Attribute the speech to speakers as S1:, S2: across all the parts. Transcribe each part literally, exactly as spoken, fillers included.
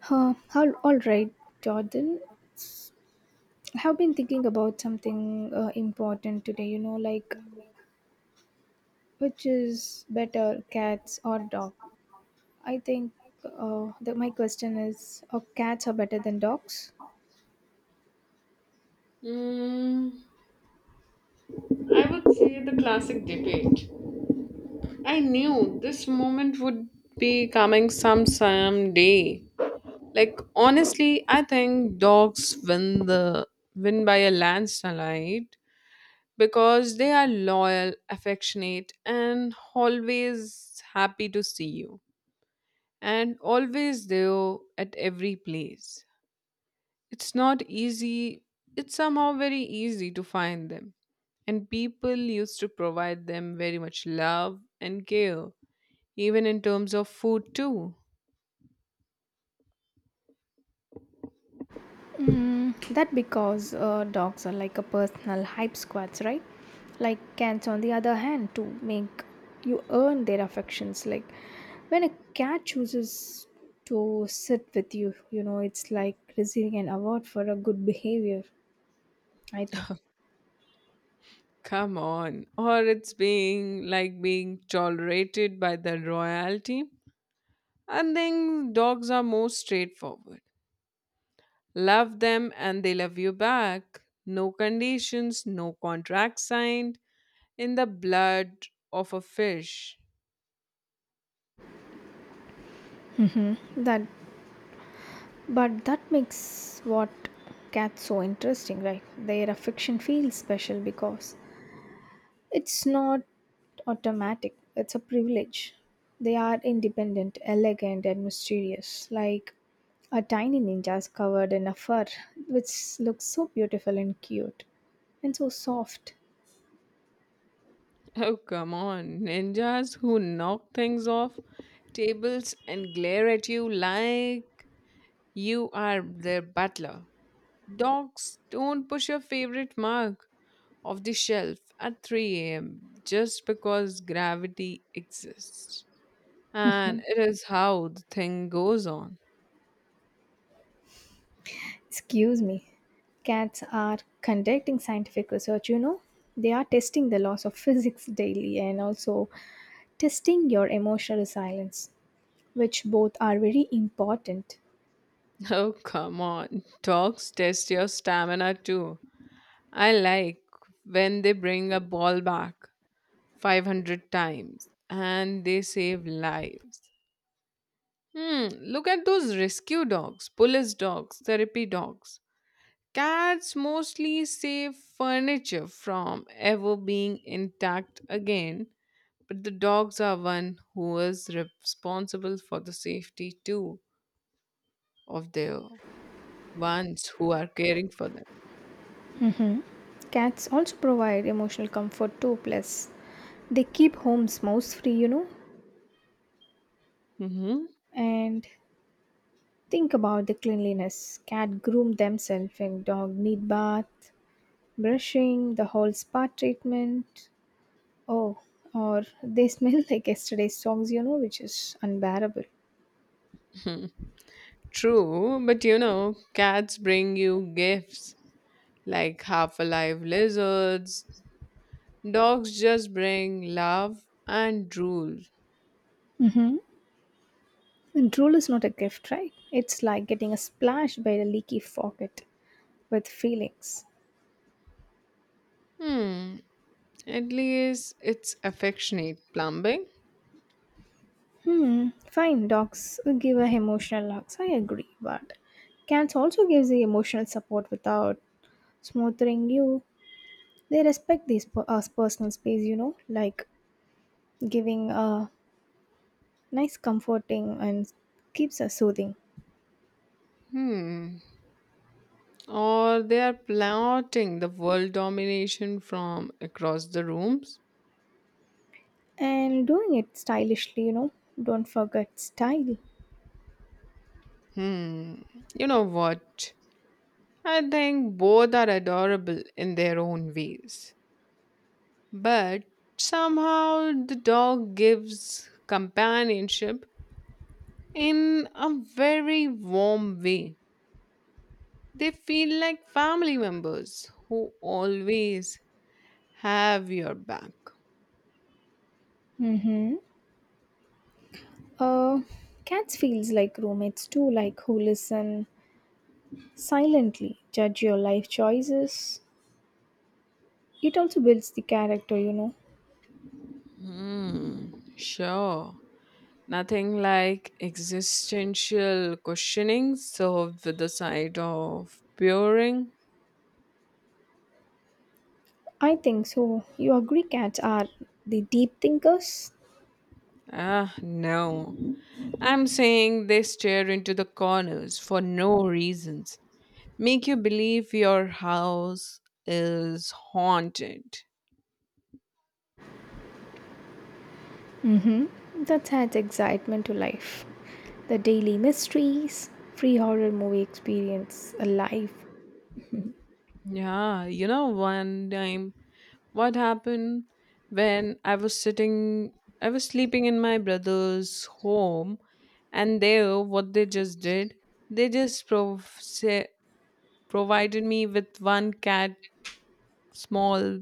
S1: Huh, all, all right, Jordan. I have been thinking about something uh, important today, you know, like which is better, cats or dog? I think uh, that my question is, are cats are better than dogs?
S2: Mm, I would say the classic debate. I knew this moment would be coming some some day. Like honestly, I think dogs win the win by a landslide because they are loyal, affectionate, and always happy to see you, and always there at every place. It's not easy, it's somehow very easy to find them. And people used to provide them very much love and care, even in terms of food, too.
S1: Mm, that because uh, dogs are like a personal hype squads, right? Like cats, on the other hand, to make you earn their affections. Like when a cat chooses to sit with you, you know, it's like receiving an award for a good behavior. I think
S2: Come on, or it's being like being tolerated by the royalty. And then dogs are more straightforward. Love them and they love you back. No conditions, no contract signed in the blood of a fish.
S1: that, but that makes what cats so interesting, right? Their affection feels special because it's not automatic, it's a privilege. They are independent, elegant, and mysterious, like a tiny ninjas covered in a fur, which looks so beautiful and cute, and so soft.
S2: Oh, come on. Ninjas who knock things off tables and glare at you like you are their butler. Dogs, don't push your favorite mug off the shelf at three a m just because gravity exists. And it is how the thing goes on.
S1: Excuse me. Cats are conducting scientific research, you know? They are testing the laws of physics daily and also testing your emotional resilience, which both are very important.
S2: Oh, come on. Dogs test your stamina too. I like when they bring a ball back five hundred times and they save lives. Hmm, look at those rescue dogs, police dogs, therapy dogs. Cats mostly save furniture from ever being intact again, but the dogs are one who is responsible for the safety too of the ones who are caring for them.
S1: Cats also provide emotional comfort too, plus they keep homes mouse free, you know.
S2: hmm
S1: And think about the cleanliness. Cat groom themselves and dog need bath, brushing, the whole spa treatment. Oh, or they smell like yesterday's socks, you know, which is unbearable.
S2: True, but you know, cats bring you gifts like half alive lizards. Dogs just bring love and drool.
S1: Mm-hmm. And drool is not a gift, right? It's like getting a splash by a leaky faucet with feelings.
S2: Hmm. At least it's affectionate plumbing.
S1: Hmm, fine, dogs give a emotional hugs. I agree, but cats also gives the emotional support without smothering you. They respect this per- us personal space, you know, like giving a nice comforting and keeps us soothing.
S2: Hmm. Or they are plotting the world domination from across the rooms.
S1: And doing it stylishly, you know, don't forget style.
S2: Hmm. You know what? I think both are adorable in their own ways. But somehow the dog gives companionship in a very warm way. They feel like family members who always have your back.
S1: Mm-hmm. Uh, Cats feels like roommates too, like who listen silently, judge your life choices. It also builds the character, you know.
S2: Hmm, sure. Nothing like existential questioning served with the side of puring.
S1: I think so. Your Greek cats are the deep thinkers.
S2: Ah, no. I'm saying they stare into the corners for no reasons. Make you believe your house is haunted.
S1: Mm-hmm. That adds excitement to life. The daily mysteries, free horror movie experience, alive
S2: Yeah, you know, one time what happened when I was sitting, I was sleeping in my brother's home, and there, what they just did, they just prov- say, provided me with one cat, small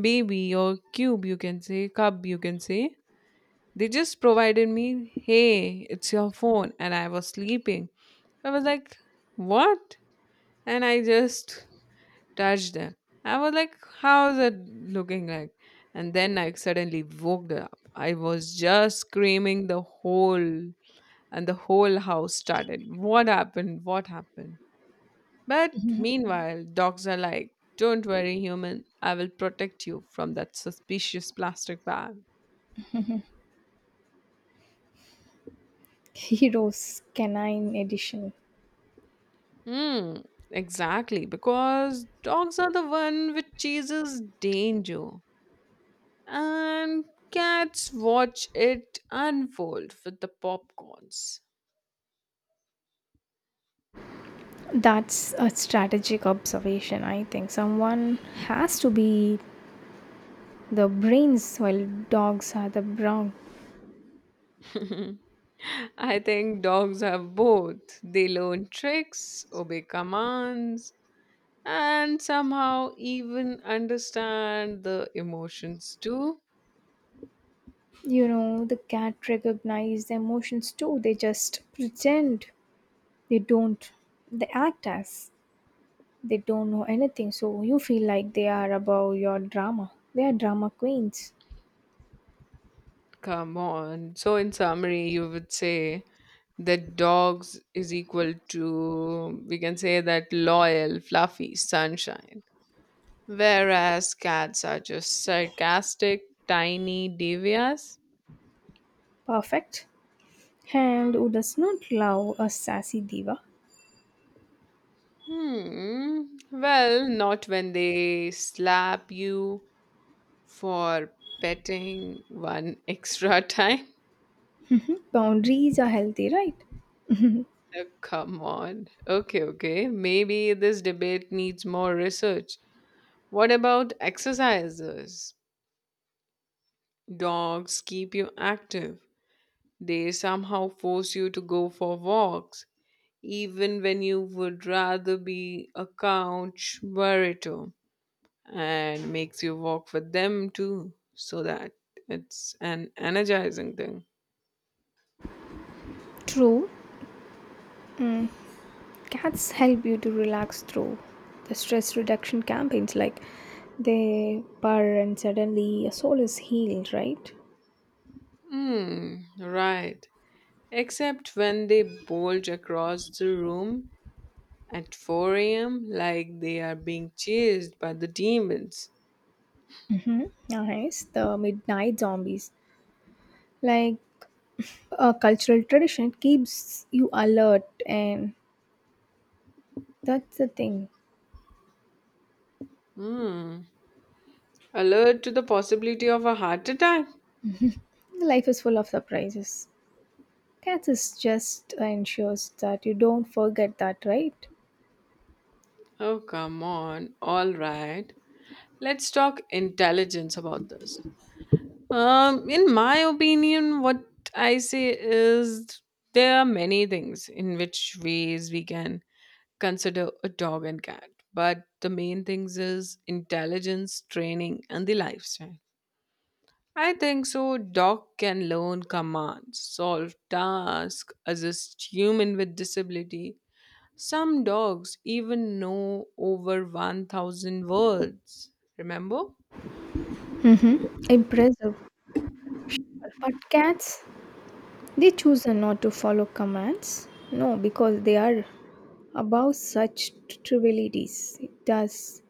S2: baby or cube, you can say, cub, you can say. They just provided me, hey, it's your phone, and I was sleeping. I was like, what? And I just touched her. I was like, how's it looking like? And then I suddenly woke up. I was just screaming the whole and the whole house started. What happened? What happened? But meanwhile, dogs are like, don't worry, human. I will protect you from that suspicious plastic bag.
S1: heroes canine edition.
S2: Hmm, exactly. Because dogs are the one which chases danger. And cats watch it unfold with the popcorns.
S1: That's a strategic observation, I think. Someone has to be the brains while dogs are the brawn.
S2: I think dogs have both. They learn tricks, obey commands, and somehow even understand the emotions too.
S1: You know, the cat recognize the emotions too. They just pretend they don't. They act as. They don't know anything, so you feel like they are above your drama. They are drama queens.
S2: Come on. So, in summary, you would say that dogs is equal to, we can say, that loyal, fluffy sunshine. Whereas cats are just sarcastic, tiny devias.
S1: Perfect. And who does not love a sassy diva?
S2: Hmm. Well, not when they slap you for petting one extra time.
S1: Boundaries are healthy, right?
S2: Oh, come on. Okay, okay. Maybe this debate needs more research. What about exercises? Dogs keep you active. They somehow force you to go for walks. even when you would rather be a couch burrito and makes you walk with them too so that it's an energizing thing.
S1: True, cats help you to relax through the stress reduction campaigns. Like they purr and suddenly your soul is healed, right?
S2: Hmm right, except when they bulge across the room at four a m, like they are being chased by the demons.
S1: Mm-hmm. Nice. The midnight zombies. Like a cultural tradition keeps you alert, and that's the thing.
S2: hmm Alert to the possibility of a heart attack.
S1: Life is full of surprises. Cats is just ensures that you don't forget that, right?
S2: Oh, come on. All right, let's talk intelligence about this. Um, in my opinion, what I say is there are many things in which ways we can consider a dog and cat, but the main things is intelligence, training, and the lifestyle. I think so. Dog can learn commands, solve tasks, assist human with disability. Some dogs even know over one thousand words. Remember?
S1: Impressive. But cats, they choose not to follow commands. No, because they are above such trivialities. It does.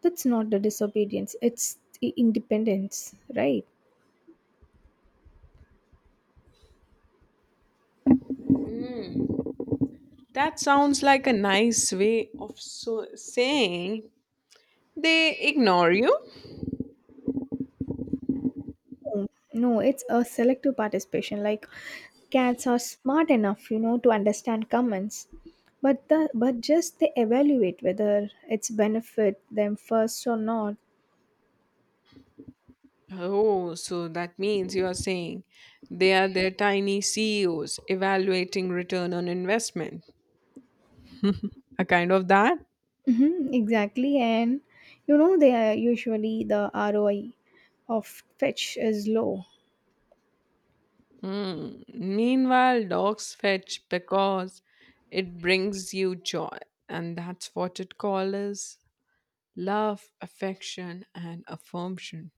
S1: That's not the disobedience. It's the independence, right?
S2: Mm. That sounds like a nice way of so saying they ignore you.
S1: No, no, it's a selective participation. Like cats are smart enough, you know, to understand comments, but the but just they evaluate whether it's benefit them first or not.
S2: Oh, so that means you are saying they are their tiny C E Os evaluating return on investment. A kind of that?
S1: Mm-hmm, exactly, and you know they are usually the R O I of fetch is low.
S2: Hmm. Meanwhile, dogs fetch because it brings you joy, and that's what it calls love, affection, and affirmation.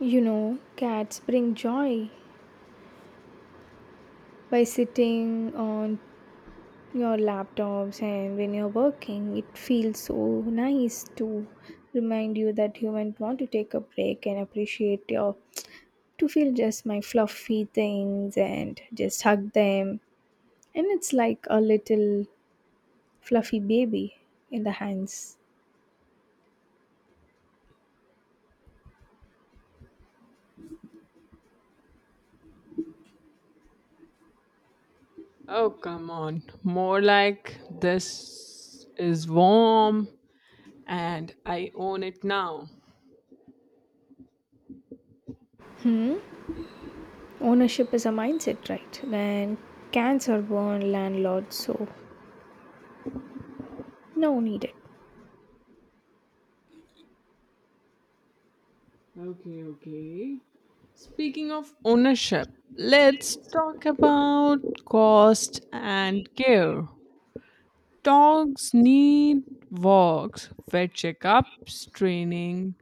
S1: You know, cats bring joy by sitting on your laptops and when you're working it feels so nice to remind you that you might want to take a break and appreciate your to feel just my fluffy things and just hug them and it's like a little fluffy baby in the hands.
S2: Oh, come on. More like, this is warm and I own it now.
S1: Hmm, ownership is a mindset, right? And cats are born landlords, so no needed.
S2: Okay, okay. Speaking of ownership, let's talk about cost and care. Dogs need walks, vet checkups, training,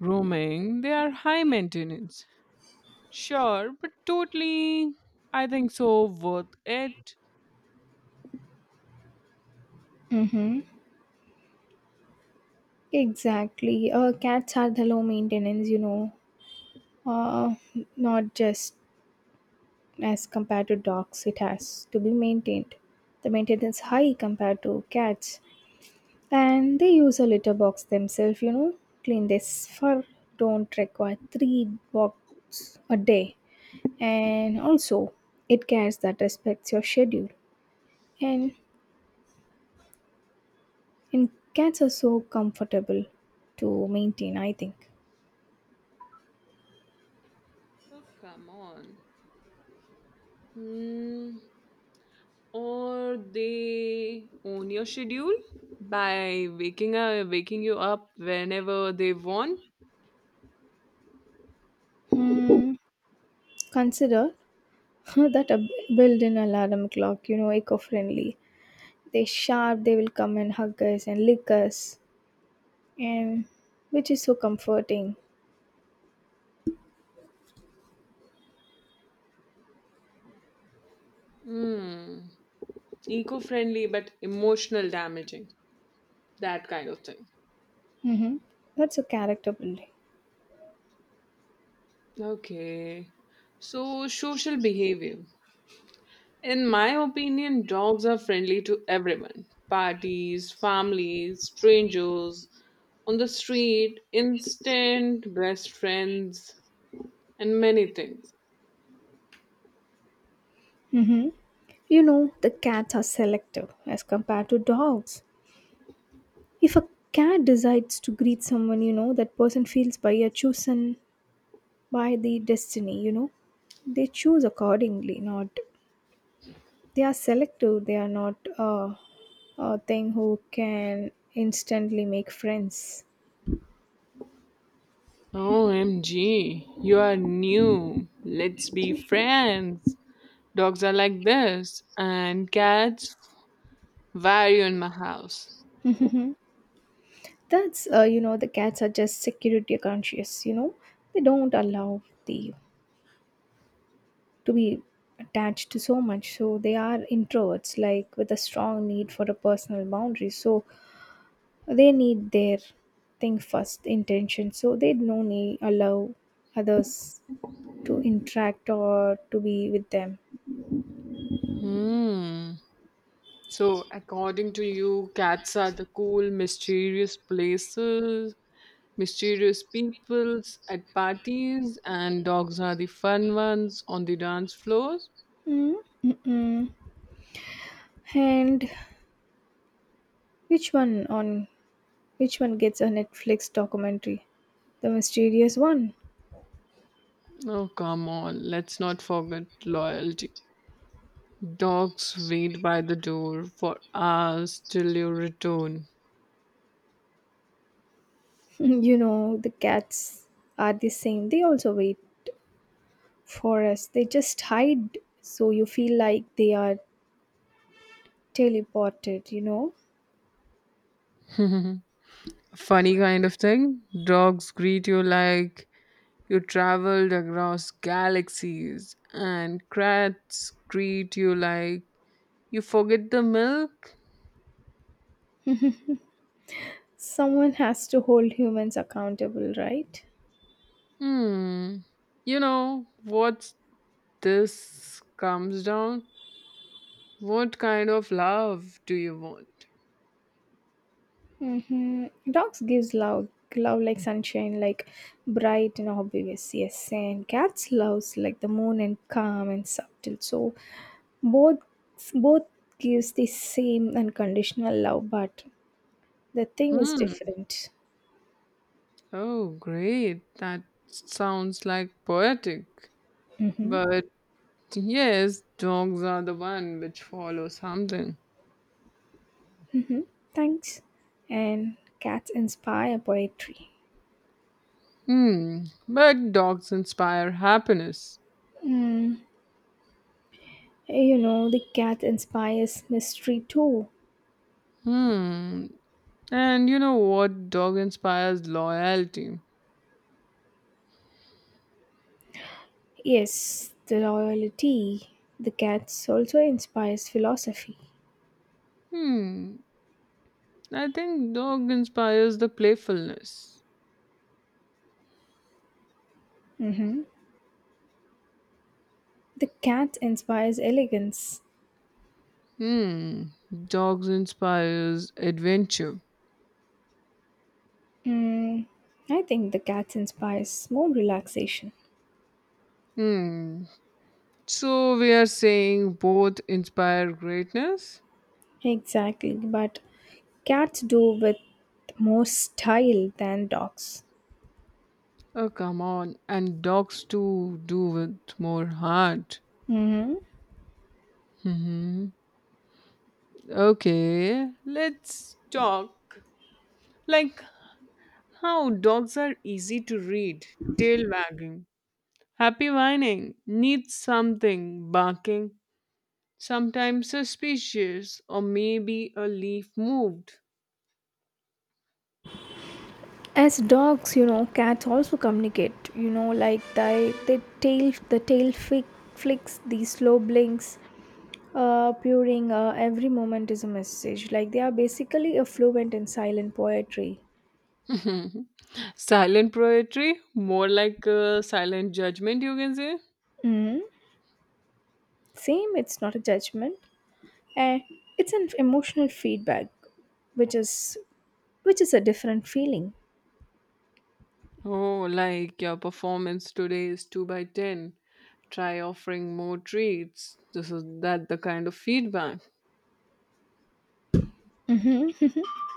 S2: grooming. They are high maintenance. Sure, but totally, I think so, worth it.
S1: Mm-hmm. Exactly. Uh, cats are the low maintenance, you know, uh, not just as compared to dogs it has to be maintained, the maintenance high compared to cats, and they use a litter box themselves, you know, clean this fur, don't require three walks a day, and also it cares that respects your schedule, and and cats are so comfortable to maintain, I think.
S2: Oh, come on. Hmm. Or they own your schedule by waking up, waking you up whenever they want.
S1: Hmm, consider that a built-in alarm clock, you know, eco-friendly. They sharp, they will come and hug us and lick us, and which is so comforting.
S2: Hmm. Eco-friendly but emotional damaging. That kind of thing.
S1: Hmm, that's a character building.
S2: Okay. So social behavior. In my opinion, dogs are friendly to everyone. Parties, families, strangers, on the street, instant best friends, and many things.
S1: Hmm, you know the cats are selective as compared to dogs. If a cat decides to greet someone, you know that person feels by a chosen by the destiny, you know, they choose accordingly. Not, they are selective, they are not uh, a thing who can instantly make friends.
S2: O M G, you are new. Let's be friends. Dogs are like this, and cats vary in my house.
S1: That's, uh, you know, the cats are just security conscious, you know. They don't allow the to be attached to so much. So they are introverts, like with a strong need for a personal boundary. So they need their thing first, intention. So they don't need allow others to interact or to be with them.
S2: Hmm. So, according to you, cats are the cool, mysterious places, mysterious peoples at parties, and dogs are the fun ones on the dance floors?
S1: Mm, mm And which one on which one gets a Netflix documentary? The mysterious one.
S2: Oh, come on, let's not forget loyalty. Dogs wait by the door for hours till you return.
S1: You know, the cats are the same. They also wait for us. They just hide so you feel like they are teleported, you know.
S2: Funny kind of thing. Dogs greet you like you traveled across galaxies, and cats greet you like you forget the milk.
S1: Someone has to hold humans accountable, right?
S2: Hmm. You know what this comes down? What kind of love do you want?
S1: Mm-hmm. Dogs gives love, love like sunshine, like bright and obvious. Yes, and cats loves like the moon and calm and subtle. So both both gives the same unconditional love, but the thing is
S2: Hmm.
S1: different.
S2: Oh, great. That sounds like poetic.
S1: Mm-hmm.
S2: But yes, dogs are the one which follow something.
S1: Thanks. And cats inspire poetry.
S2: Hmm. But dogs inspire happiness.
S1: Mm, you know, the cat inspires mystery too.
S2: Hmm. And you know what? Dog inspires loyalty.
S1: Yes, the royalty. The cats also inspires philosophy.
S2: Hmm. I think dog inspires the playfulness.
S1: Mm-hmm. The cat inspires elegance.
S2: Hmm. Dogs inspires adventure.
S1: Mm, I think the cat inspires more relaxation.
S2: Hmm. So we are saying both inspire greatness.
S1: Exactly, but cats do with more style than dogs.
S2: Oh, come on, and dogs too do with more heart.
S1: Mm-hmm.
S2: Hmm. Okay, let's talk. Like how dogs are easy to read, tail wagging, happy whining, needs something, barking, sometimes suspicious, or maybe a leaf moved.
S1: As dogs, you know, cats also communicate. You know, like they they tail the tail flick, flicks, the slow blinks, uh, purring. Uh, every moment is a message. Like they are basically a fluent in silent poetry.
S2: Silent poetry, more like a silent judgment, you can say.
S1: Mm. Same, it's not a judgment, and it's an emotional feedback, which is which is a different feeling.
S2: Oh, like your performance today is two by ten. Try offering more treats. This is that the kind of feedback.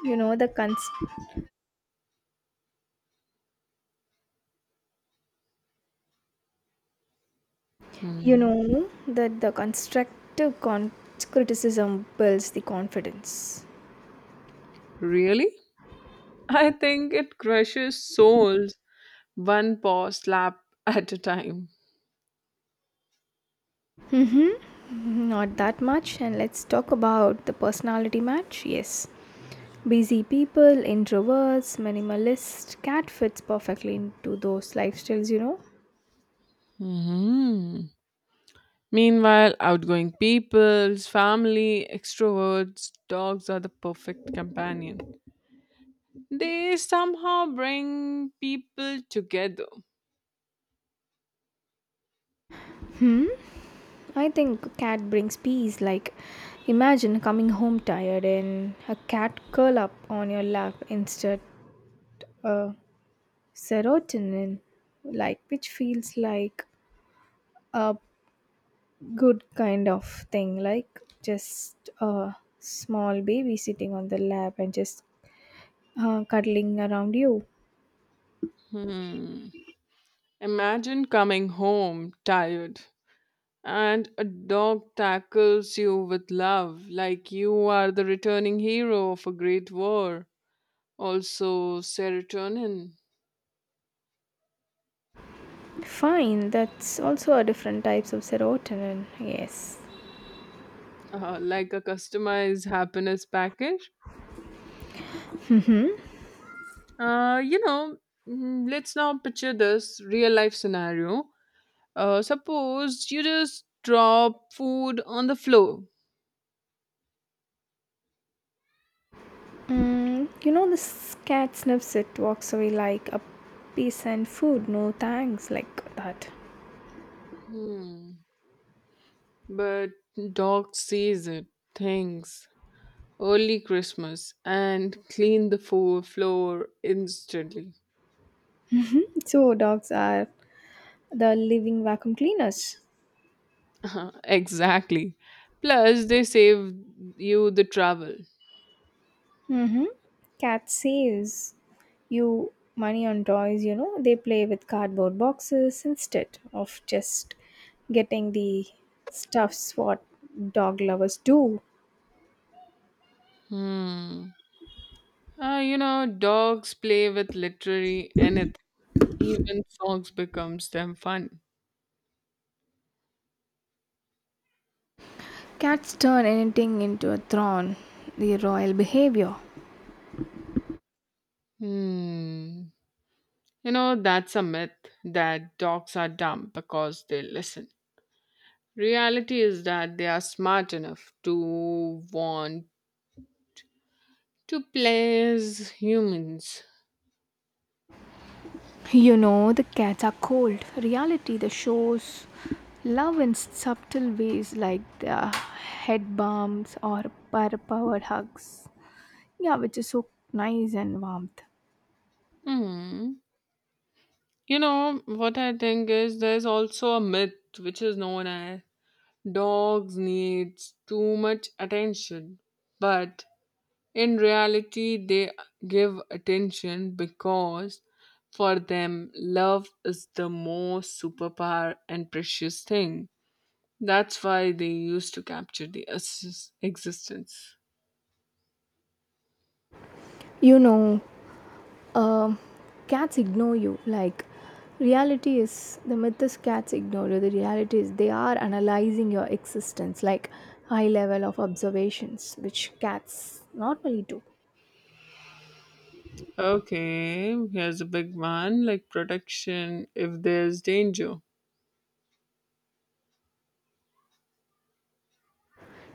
S1: You know the cons- You
S2: Hmm.
S1: know that the constructive con- criticism builds the confidence.
S2: Really? I think it crushes souls one paw slap at a time.
S1: Not that much, and let's talk about the personality match. Yes, busy people, introverts, minimalist. Cat fits perfectly into those lifestyles, you know.
S2: hmm Meanwhile, outgoing people's family, extroverts, dogs are the perfect companion. They somehow bring people together.
S1: I think cat brings peace. Like, imagine coming home tired and a cat curl up on your lap instead, uh, serotonin, like which feels like a good kind of thing. Like just a small baby sitting on the lap and just Uh, cuddling around you.
S2: Hmm. Imagine coming home tired and a dog tackles you with love like you are the returning hero of a great war. Also serotonin.
S1: Fine, that's also a different types of serotonin. Yes.
S2: Uh, like a customized happiness package. uh, you know mm, let's now picture this real life scenario. Uh, suppose you just drop food on the floor.
S1: Mm, you know this cat sniffs it, walks away like a piece and food. No thanks, like that.
S2: hmm. But dog sees it, thinks early Christmas, and clean the fo- floor instantly.
S1: So dogs are the living vacuum cleaners.
S2: Exactly, plus they save you the travel.
S1: Mm-hmm. Cat saves you money on toys. You know they play with cardboard boxes instead of just getting the stuffs what dog lovers do.
S2: hmm Uh, you know, dogs play with literally anything. Even songs becomes them fun.
S1: Cats turn anything into a throne, the royal behavior.
S2: Hmm. You know, that's a myth that dogs are dumb because they listen. Reality is that they are smart enough to want to please humans.
S1: You know, the cats are cold. Reality, the shows love in subtle ways like the head bumps or powered hugs. Yeah, which is so nice and warmth.
S2: Hmm. You know, what I think is there's also a myth which is known as dogs needs too much attention. But in reality, they give attention because for them, love is the most superpower and precious thing. That's why they used to capture the es- existence.
S1: You know, um, cats ignore you. Like, reality is the myth is cats ignore you. The reality is they are analyzing your existence, like high level of observations, which cats normally do.
S2: Okay, here's a big one like protection if there's danger.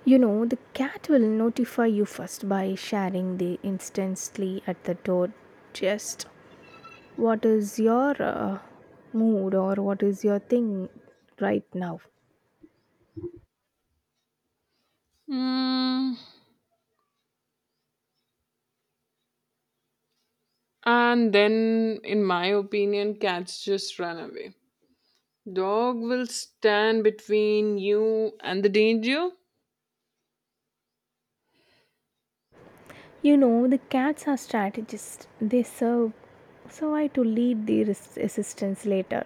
S1: You know, the cat will notify you first by sharing the instantly at the door just what is your uh, mood or what is your thing right now.
S2: Hmm. And then, in my opinion, cats just run away. Dog will stand between you and the danger.
S1: You know, the cats are strategists. They serve so I to lead the res- assistance later.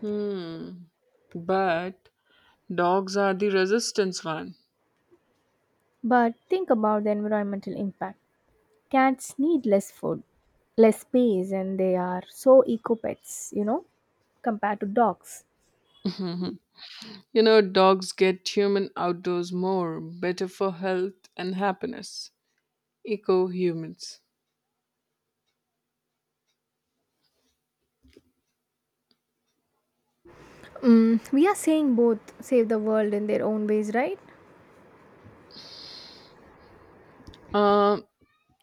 S2: Hmm. But dogs are the resistance one.
S1: But think about the environmental impact. Cats need less food, less space, and they are so eco pets, you know, compared to dogs.
S2: You know, dogs get human outdoors more, better for health and happiness. Eco humans.
S1: Mm, we are saying both save the world in their own ways, right?
S2: Uh,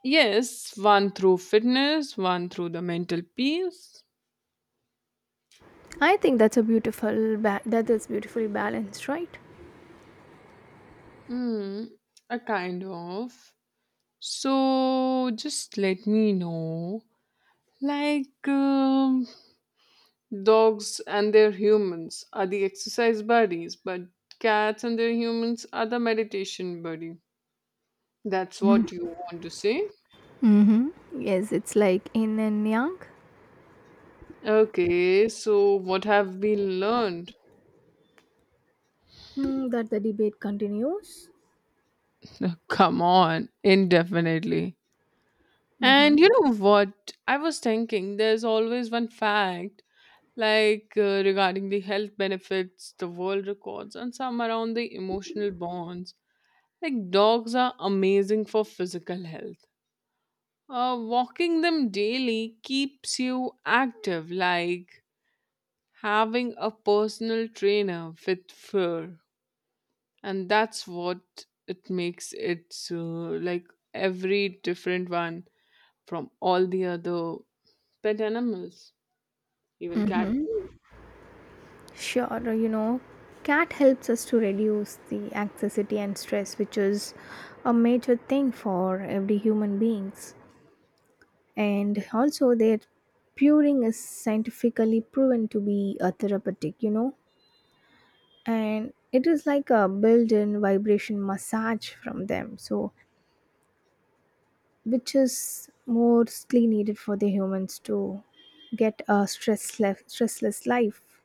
S2: yes, one through fitness, one through the mental peace.
S1: I think that's a beautiful ba- that is beautifully balanced, right?
S2: Hmm, a kind of. So just let me know. Like, um, dogs and their humans are the exercise buddies, but cats and their humans are the meditation buddy. That's what you want to say?
S1: Mm-hmm. Yes, it's like yin and yang.
S2: Okay, so what have we learned?
S1: Hmm, that the debate continues.
S2: Come on, indefinitely. And
S1: Mm-hmm.
S2: you know what? I was thinking there's always one fact, like uh, regarding the health benefits, the world records, and some around the emotional bonds. Like, dogs are amazing for physical health. Uh, walking them daily keeps you active, like having a personal trainer with fur, and that's what it makes it uh, like every different one from all the other pet animals, even cat too.
S1: Sure, you know, cat helps us to reduce the anxiety and stress, which is a major thing for every human beings. And also, their puring is scientifically proven to be a therapeutic. You know, and it is like a built-in vibration massage from them, so which is mostly needed for the humans to get a stressless stressless life,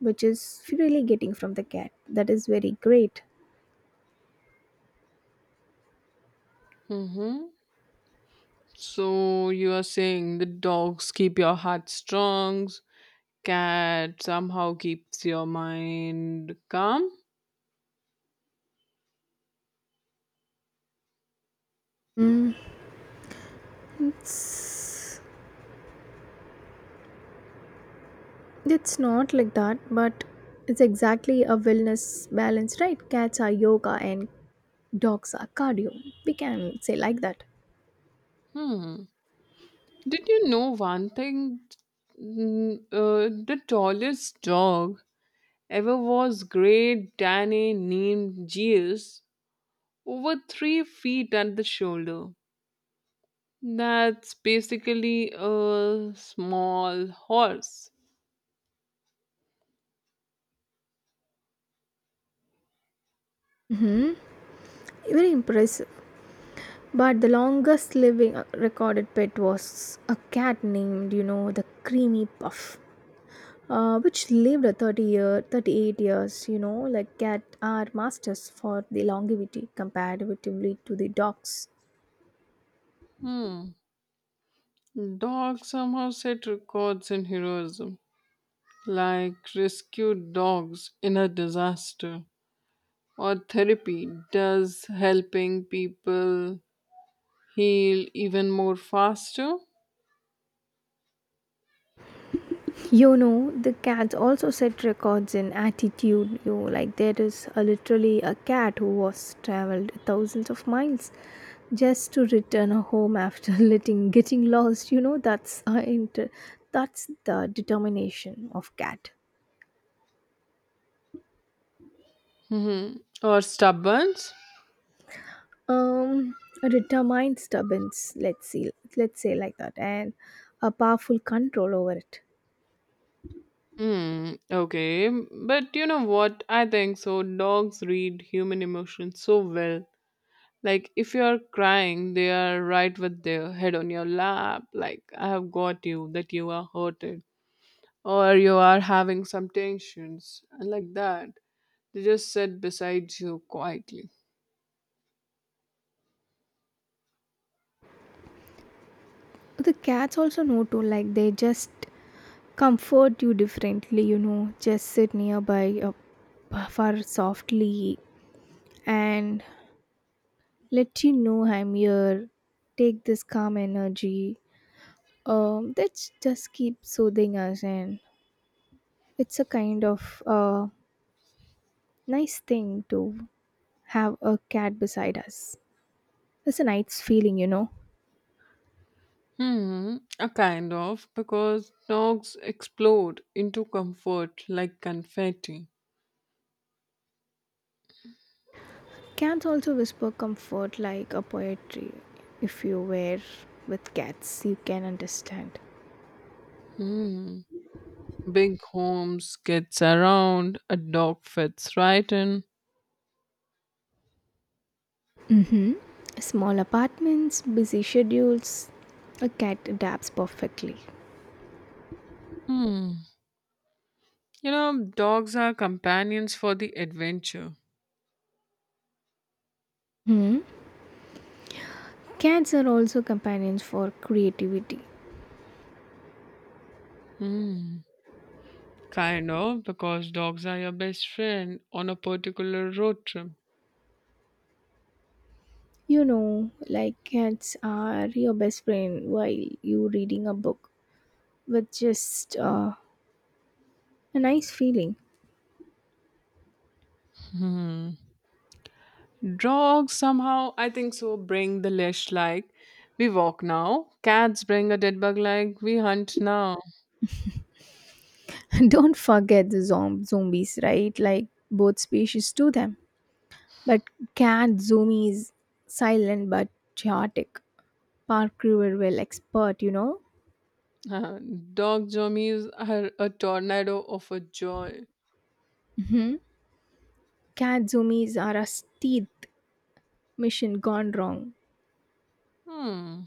S1: which is really getting from the cat, that is very great.
S2: Mm-hmm. So you are saying the dogs keep your heart strong, cat somehow keeps your mind calm.
S1: It's it's not like that, but it's exactly a wellness balance, right? Cats are yoga and dogs are cardio, we can say like that.
S2: hmm did you know one thing? Mm, uh, the tallest dog ever was Great Danny named Gius, over three feet at the shoulder. That's basically a small horse.
S1: Very impressed. But the longest living uh, recorded pet was a cat named, you know, the creamy puff, uh, which lived a thirty year, thirty-eight years, you know, like cat are masters for the longevity comparatively to the dogs.
S2: Hmm. Dogs somehow set records in heroism, like rescued dogs in a disaster, or therapy does helping people heal even more faster.
S1: You know, the cats also set records in attitude. You know, like there is a, literally a cat who was traveled thousands of miles just to return home after letting getting lost. You know, that's uh, inter- that's the determination of cat.
S2: Mhm. Or stubborns.
S1: Um, a determined stubbornness. Let's see. Let's say like that, and a powerful control over it.
S2: Hmm. Okay. But you know what? I think so. Dogs read human emotions so well. Like if you are crying, they are right with their head on your lap, like I have got you, that you are hurted, or you are having some tensions, and like that. They just sit beside you quietly.
S1: The cats also know to, like they just comfort you differently, you know, just sit nearby, uh, purr softly and let you know I'm here, take this calm energy. Um that's just keep soothing us, and it's a kind of uh nice thing to have a cat beside us. It's a nice feeling, you know.
S2: Hmm, a kind of, because dogs explode into comfort like confetti.
S1: Cats also whisper comfort like a poetry. If you were with cats you can understand.
S2: Hmm. Big homes gets around, a dog fits right in.
S1: Mhm. Small apartments, busy schedules. A cat adapts perfectly.
S2: Hmm. You know, dogs are companions for the adventure.
S1: Hmm. Cats are also companions for creativity.
S2: Hmm. Kind of, because dogs are your best friend on a particular road trip.
S1: You know, like cats are your best friend while you reading a book with just uh, a nice feeling.
S2: Hmm. Dogs somehow, I think so, bring the leash like we walk now. Cats bring a dead bug like we hunt now.
S1: Don't forget the zom- zombies, right? Like both species do them. But cat zoomies silent but chaotic. Park will expert, you know.
S2: Uh, Dog zombies are a tornado of a joy.
S1: Katsumis are a stealth mission gone wrong.
S2: Hmm.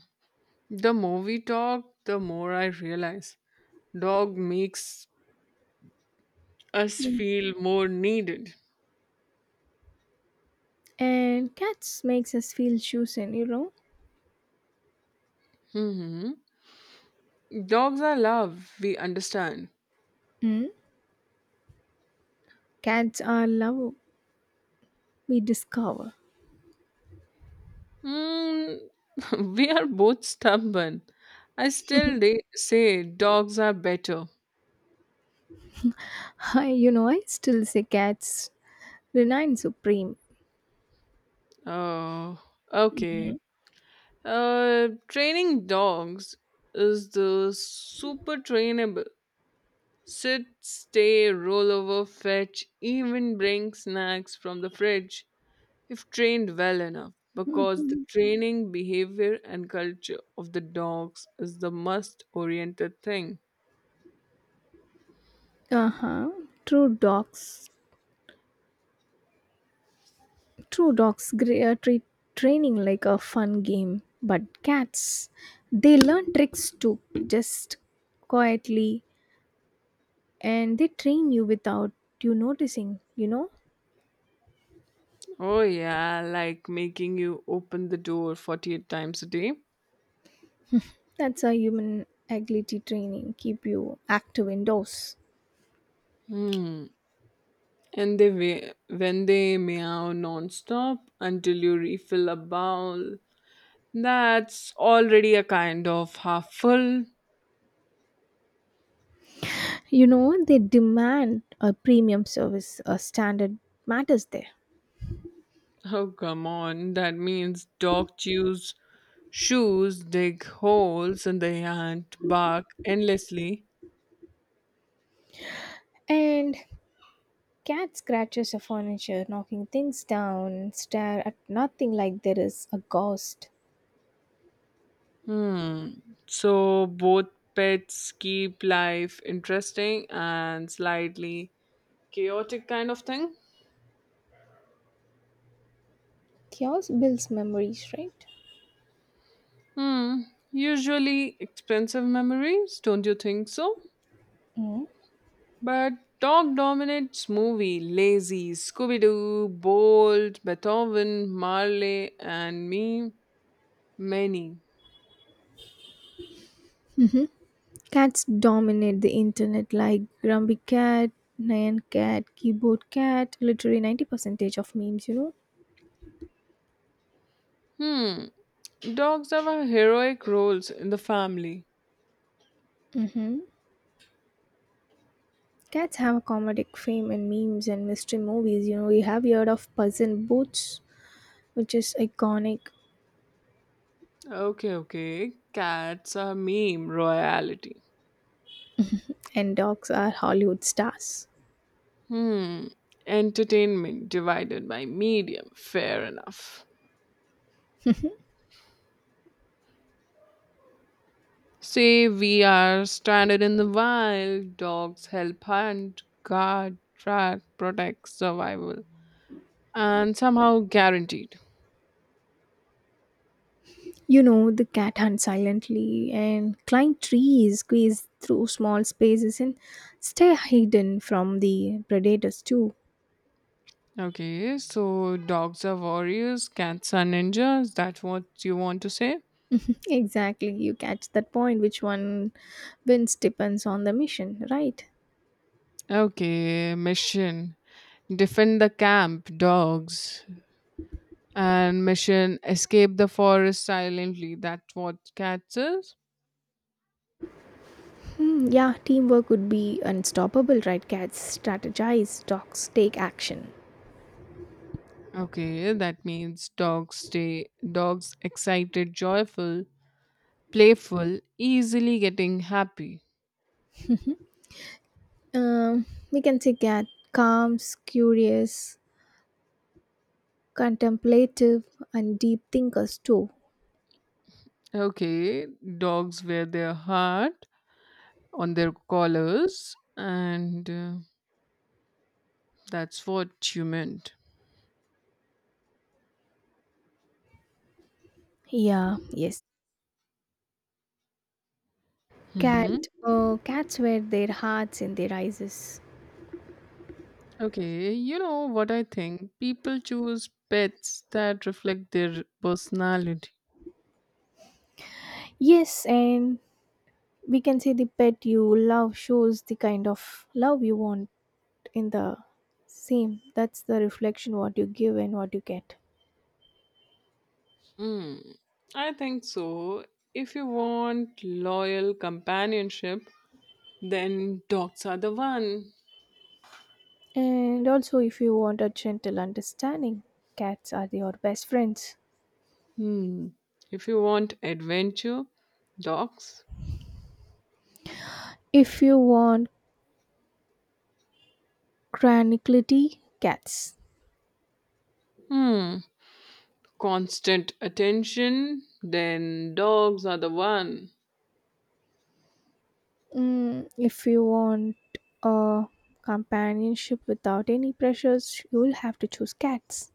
S2: The more we talk, the more I realize. Dog makes us
S1: Mm.
S2: feel more needed.
S1: And cats makes us feel chosen, you know.
S2: hmm Dogs are love, we understand.
S1: Mm? Cats are love we discover.
S2: Mm, we are both stubborn. I still de- say dogs are better.
S1: I, you know, I still say cats remain supreme.
S2: Oh, okay. Uh, training dogs is the super trainable. Sit, stay, roll over, fetch, even bring snacks from the fridge if trained well enough.
S1: Mhm.
S2: Because the training, behavior, and culture of the dogs is the must oriented thing.
S1: Uh huh. True dogs. True dogs gre- uh, treat training like a fun game, but cats, they learn tricks too, just quietly, and they train you without you noticing, you know.
S2: Oh yeah, like making you open the door forty-eight times a day.
S1: That's a human agility training. Keep you active indoors.
S2: Hmm. And they wa- when they meow non-stop until you refill a bowl. That's already a kind of half full.
S1: You know, they demand a premium service, a standard matters there.
S2: Oh, come on, that means dog chews shoes, dig holes, and they hunt bark endlessly.
S1: And cat scratches a furniture, knocking things down, stare at nothing like there is a ghost.
S2: Hmm. So both pets keep life interesting and slightly chaotic kind of thing.
S1: Chaos builds memories, right?
S2: Hmm. Usually expensive memories, don't you think so?
S1: Mm.
S2: But dog dominates movie, lazy, Scooby Doo, Bold, Beethoven, Marley, and me, many.
S1: Cats dominate the internet like Grumpy Cat, Nyan Cat, Keyboard Cat, literally ninety percent of memes, you know?
S2: Hmm. Dogs have a heroic roles in the family.
S1: Mm-hmm. Cats have a comedic fame in memes and mystery movies. You know, we have heard of Puss in Boots, which is iconic,
S2: Okay, okay. Cats are meme royalty.
S1: and dogs are Hollywood stars.
S2: Hmm. Entertainment divided by medium. Fair enough. Say we are stranded in the wild, dogs help hunt, guard, track, protect, survival, and somehow guaranteed.
S1: You know, the cat hunts silently and climb trees, squeeze through small spaces, and stay hidden from the predators, too.
S2: Okay, so dogs are warriors, cats are ninjas. That's what you want to say?
S1: Exactly, you catch that point. Which one wins depends on the mission, right?
S2: Okay, mission defend the camp, dogs, and mission escape the forest silently. That's what cats is.
S1: Hmm, yeah, teamwork would be unstoppable, right? Cats strategize, dogs take action.
S2: Okay, that means dogs stay dogs excited, joyful, playful, easily getting happy.
S1: Um, we can take at calms, curious, contemplative, and deep thinkers too.
S2: Okay, dogs wear their heart on their collars, and uh, that's what you meant.
S1: Yeah, yes.
S2: hmm
S1: Cat, uh, cats wear their hearts in their eyes.
S2: Okay, you know what I think? People choose pets that reflect their personality.
S1: Yes, and we can say the pet you love shows the kind of love you want in the same. That's the reflection what you give and what you get.
S2: Hmm, I think so. If you want loyal companionship, then dogs are the one.
S1: And also, if you want a gentle understanding, cats are your best friends.
S2: Hmm. If you want adventure, dogs.
S1: If you want tranquility, cats.
S2: Hmm. Constant attention, then dogs are the one.
S1: Mm, if you want a companionship without any pressures, you will have to choose cats.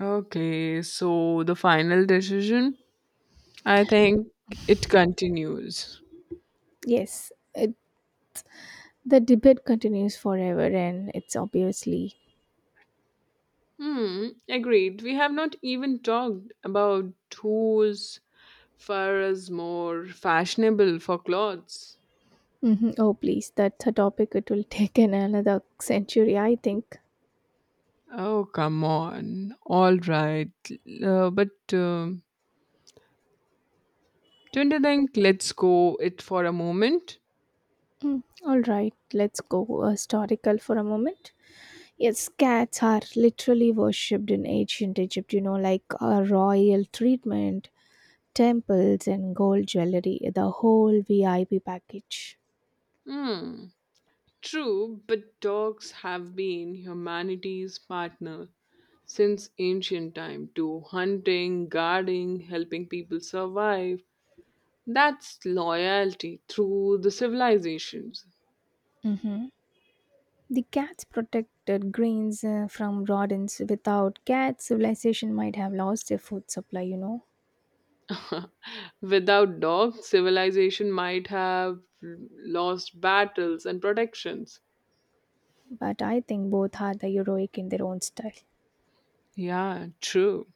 S2: Okay, so the final decision, I think it continues.
S1: Yes, it, the debate continues forever, and it's obviously.
S2: Hmm, agreed. We have not even talked about who's far as more fashionable for clothes.
S1: Mhm. Oh, please, that's a topic it will take in another century, I think.
S2: Oh, come on. All right. Uh, but um don't you think let's go it for a moment?
S1: Mm, all right, let's go uh, historical for a moment. Yes, cats are literally worshipped in ancient Egypt, you know, like a royal treatment temples and gold jewelry, the whole V I P package.
S2: Hmm. True, but dogs have been humanity's partner since ancient time to hunting, guarding, helping people survive. That's loyalty through the civilizations.
S1: Mm-hmm. The cats protected grains uh, from rodents. Without cats, civilization might have lost their food supply, you know.
S2: Without dogs, civilization might have lost battles and protections.
S1: But I think both are the heroic in their own style.
S2: Yeah, true.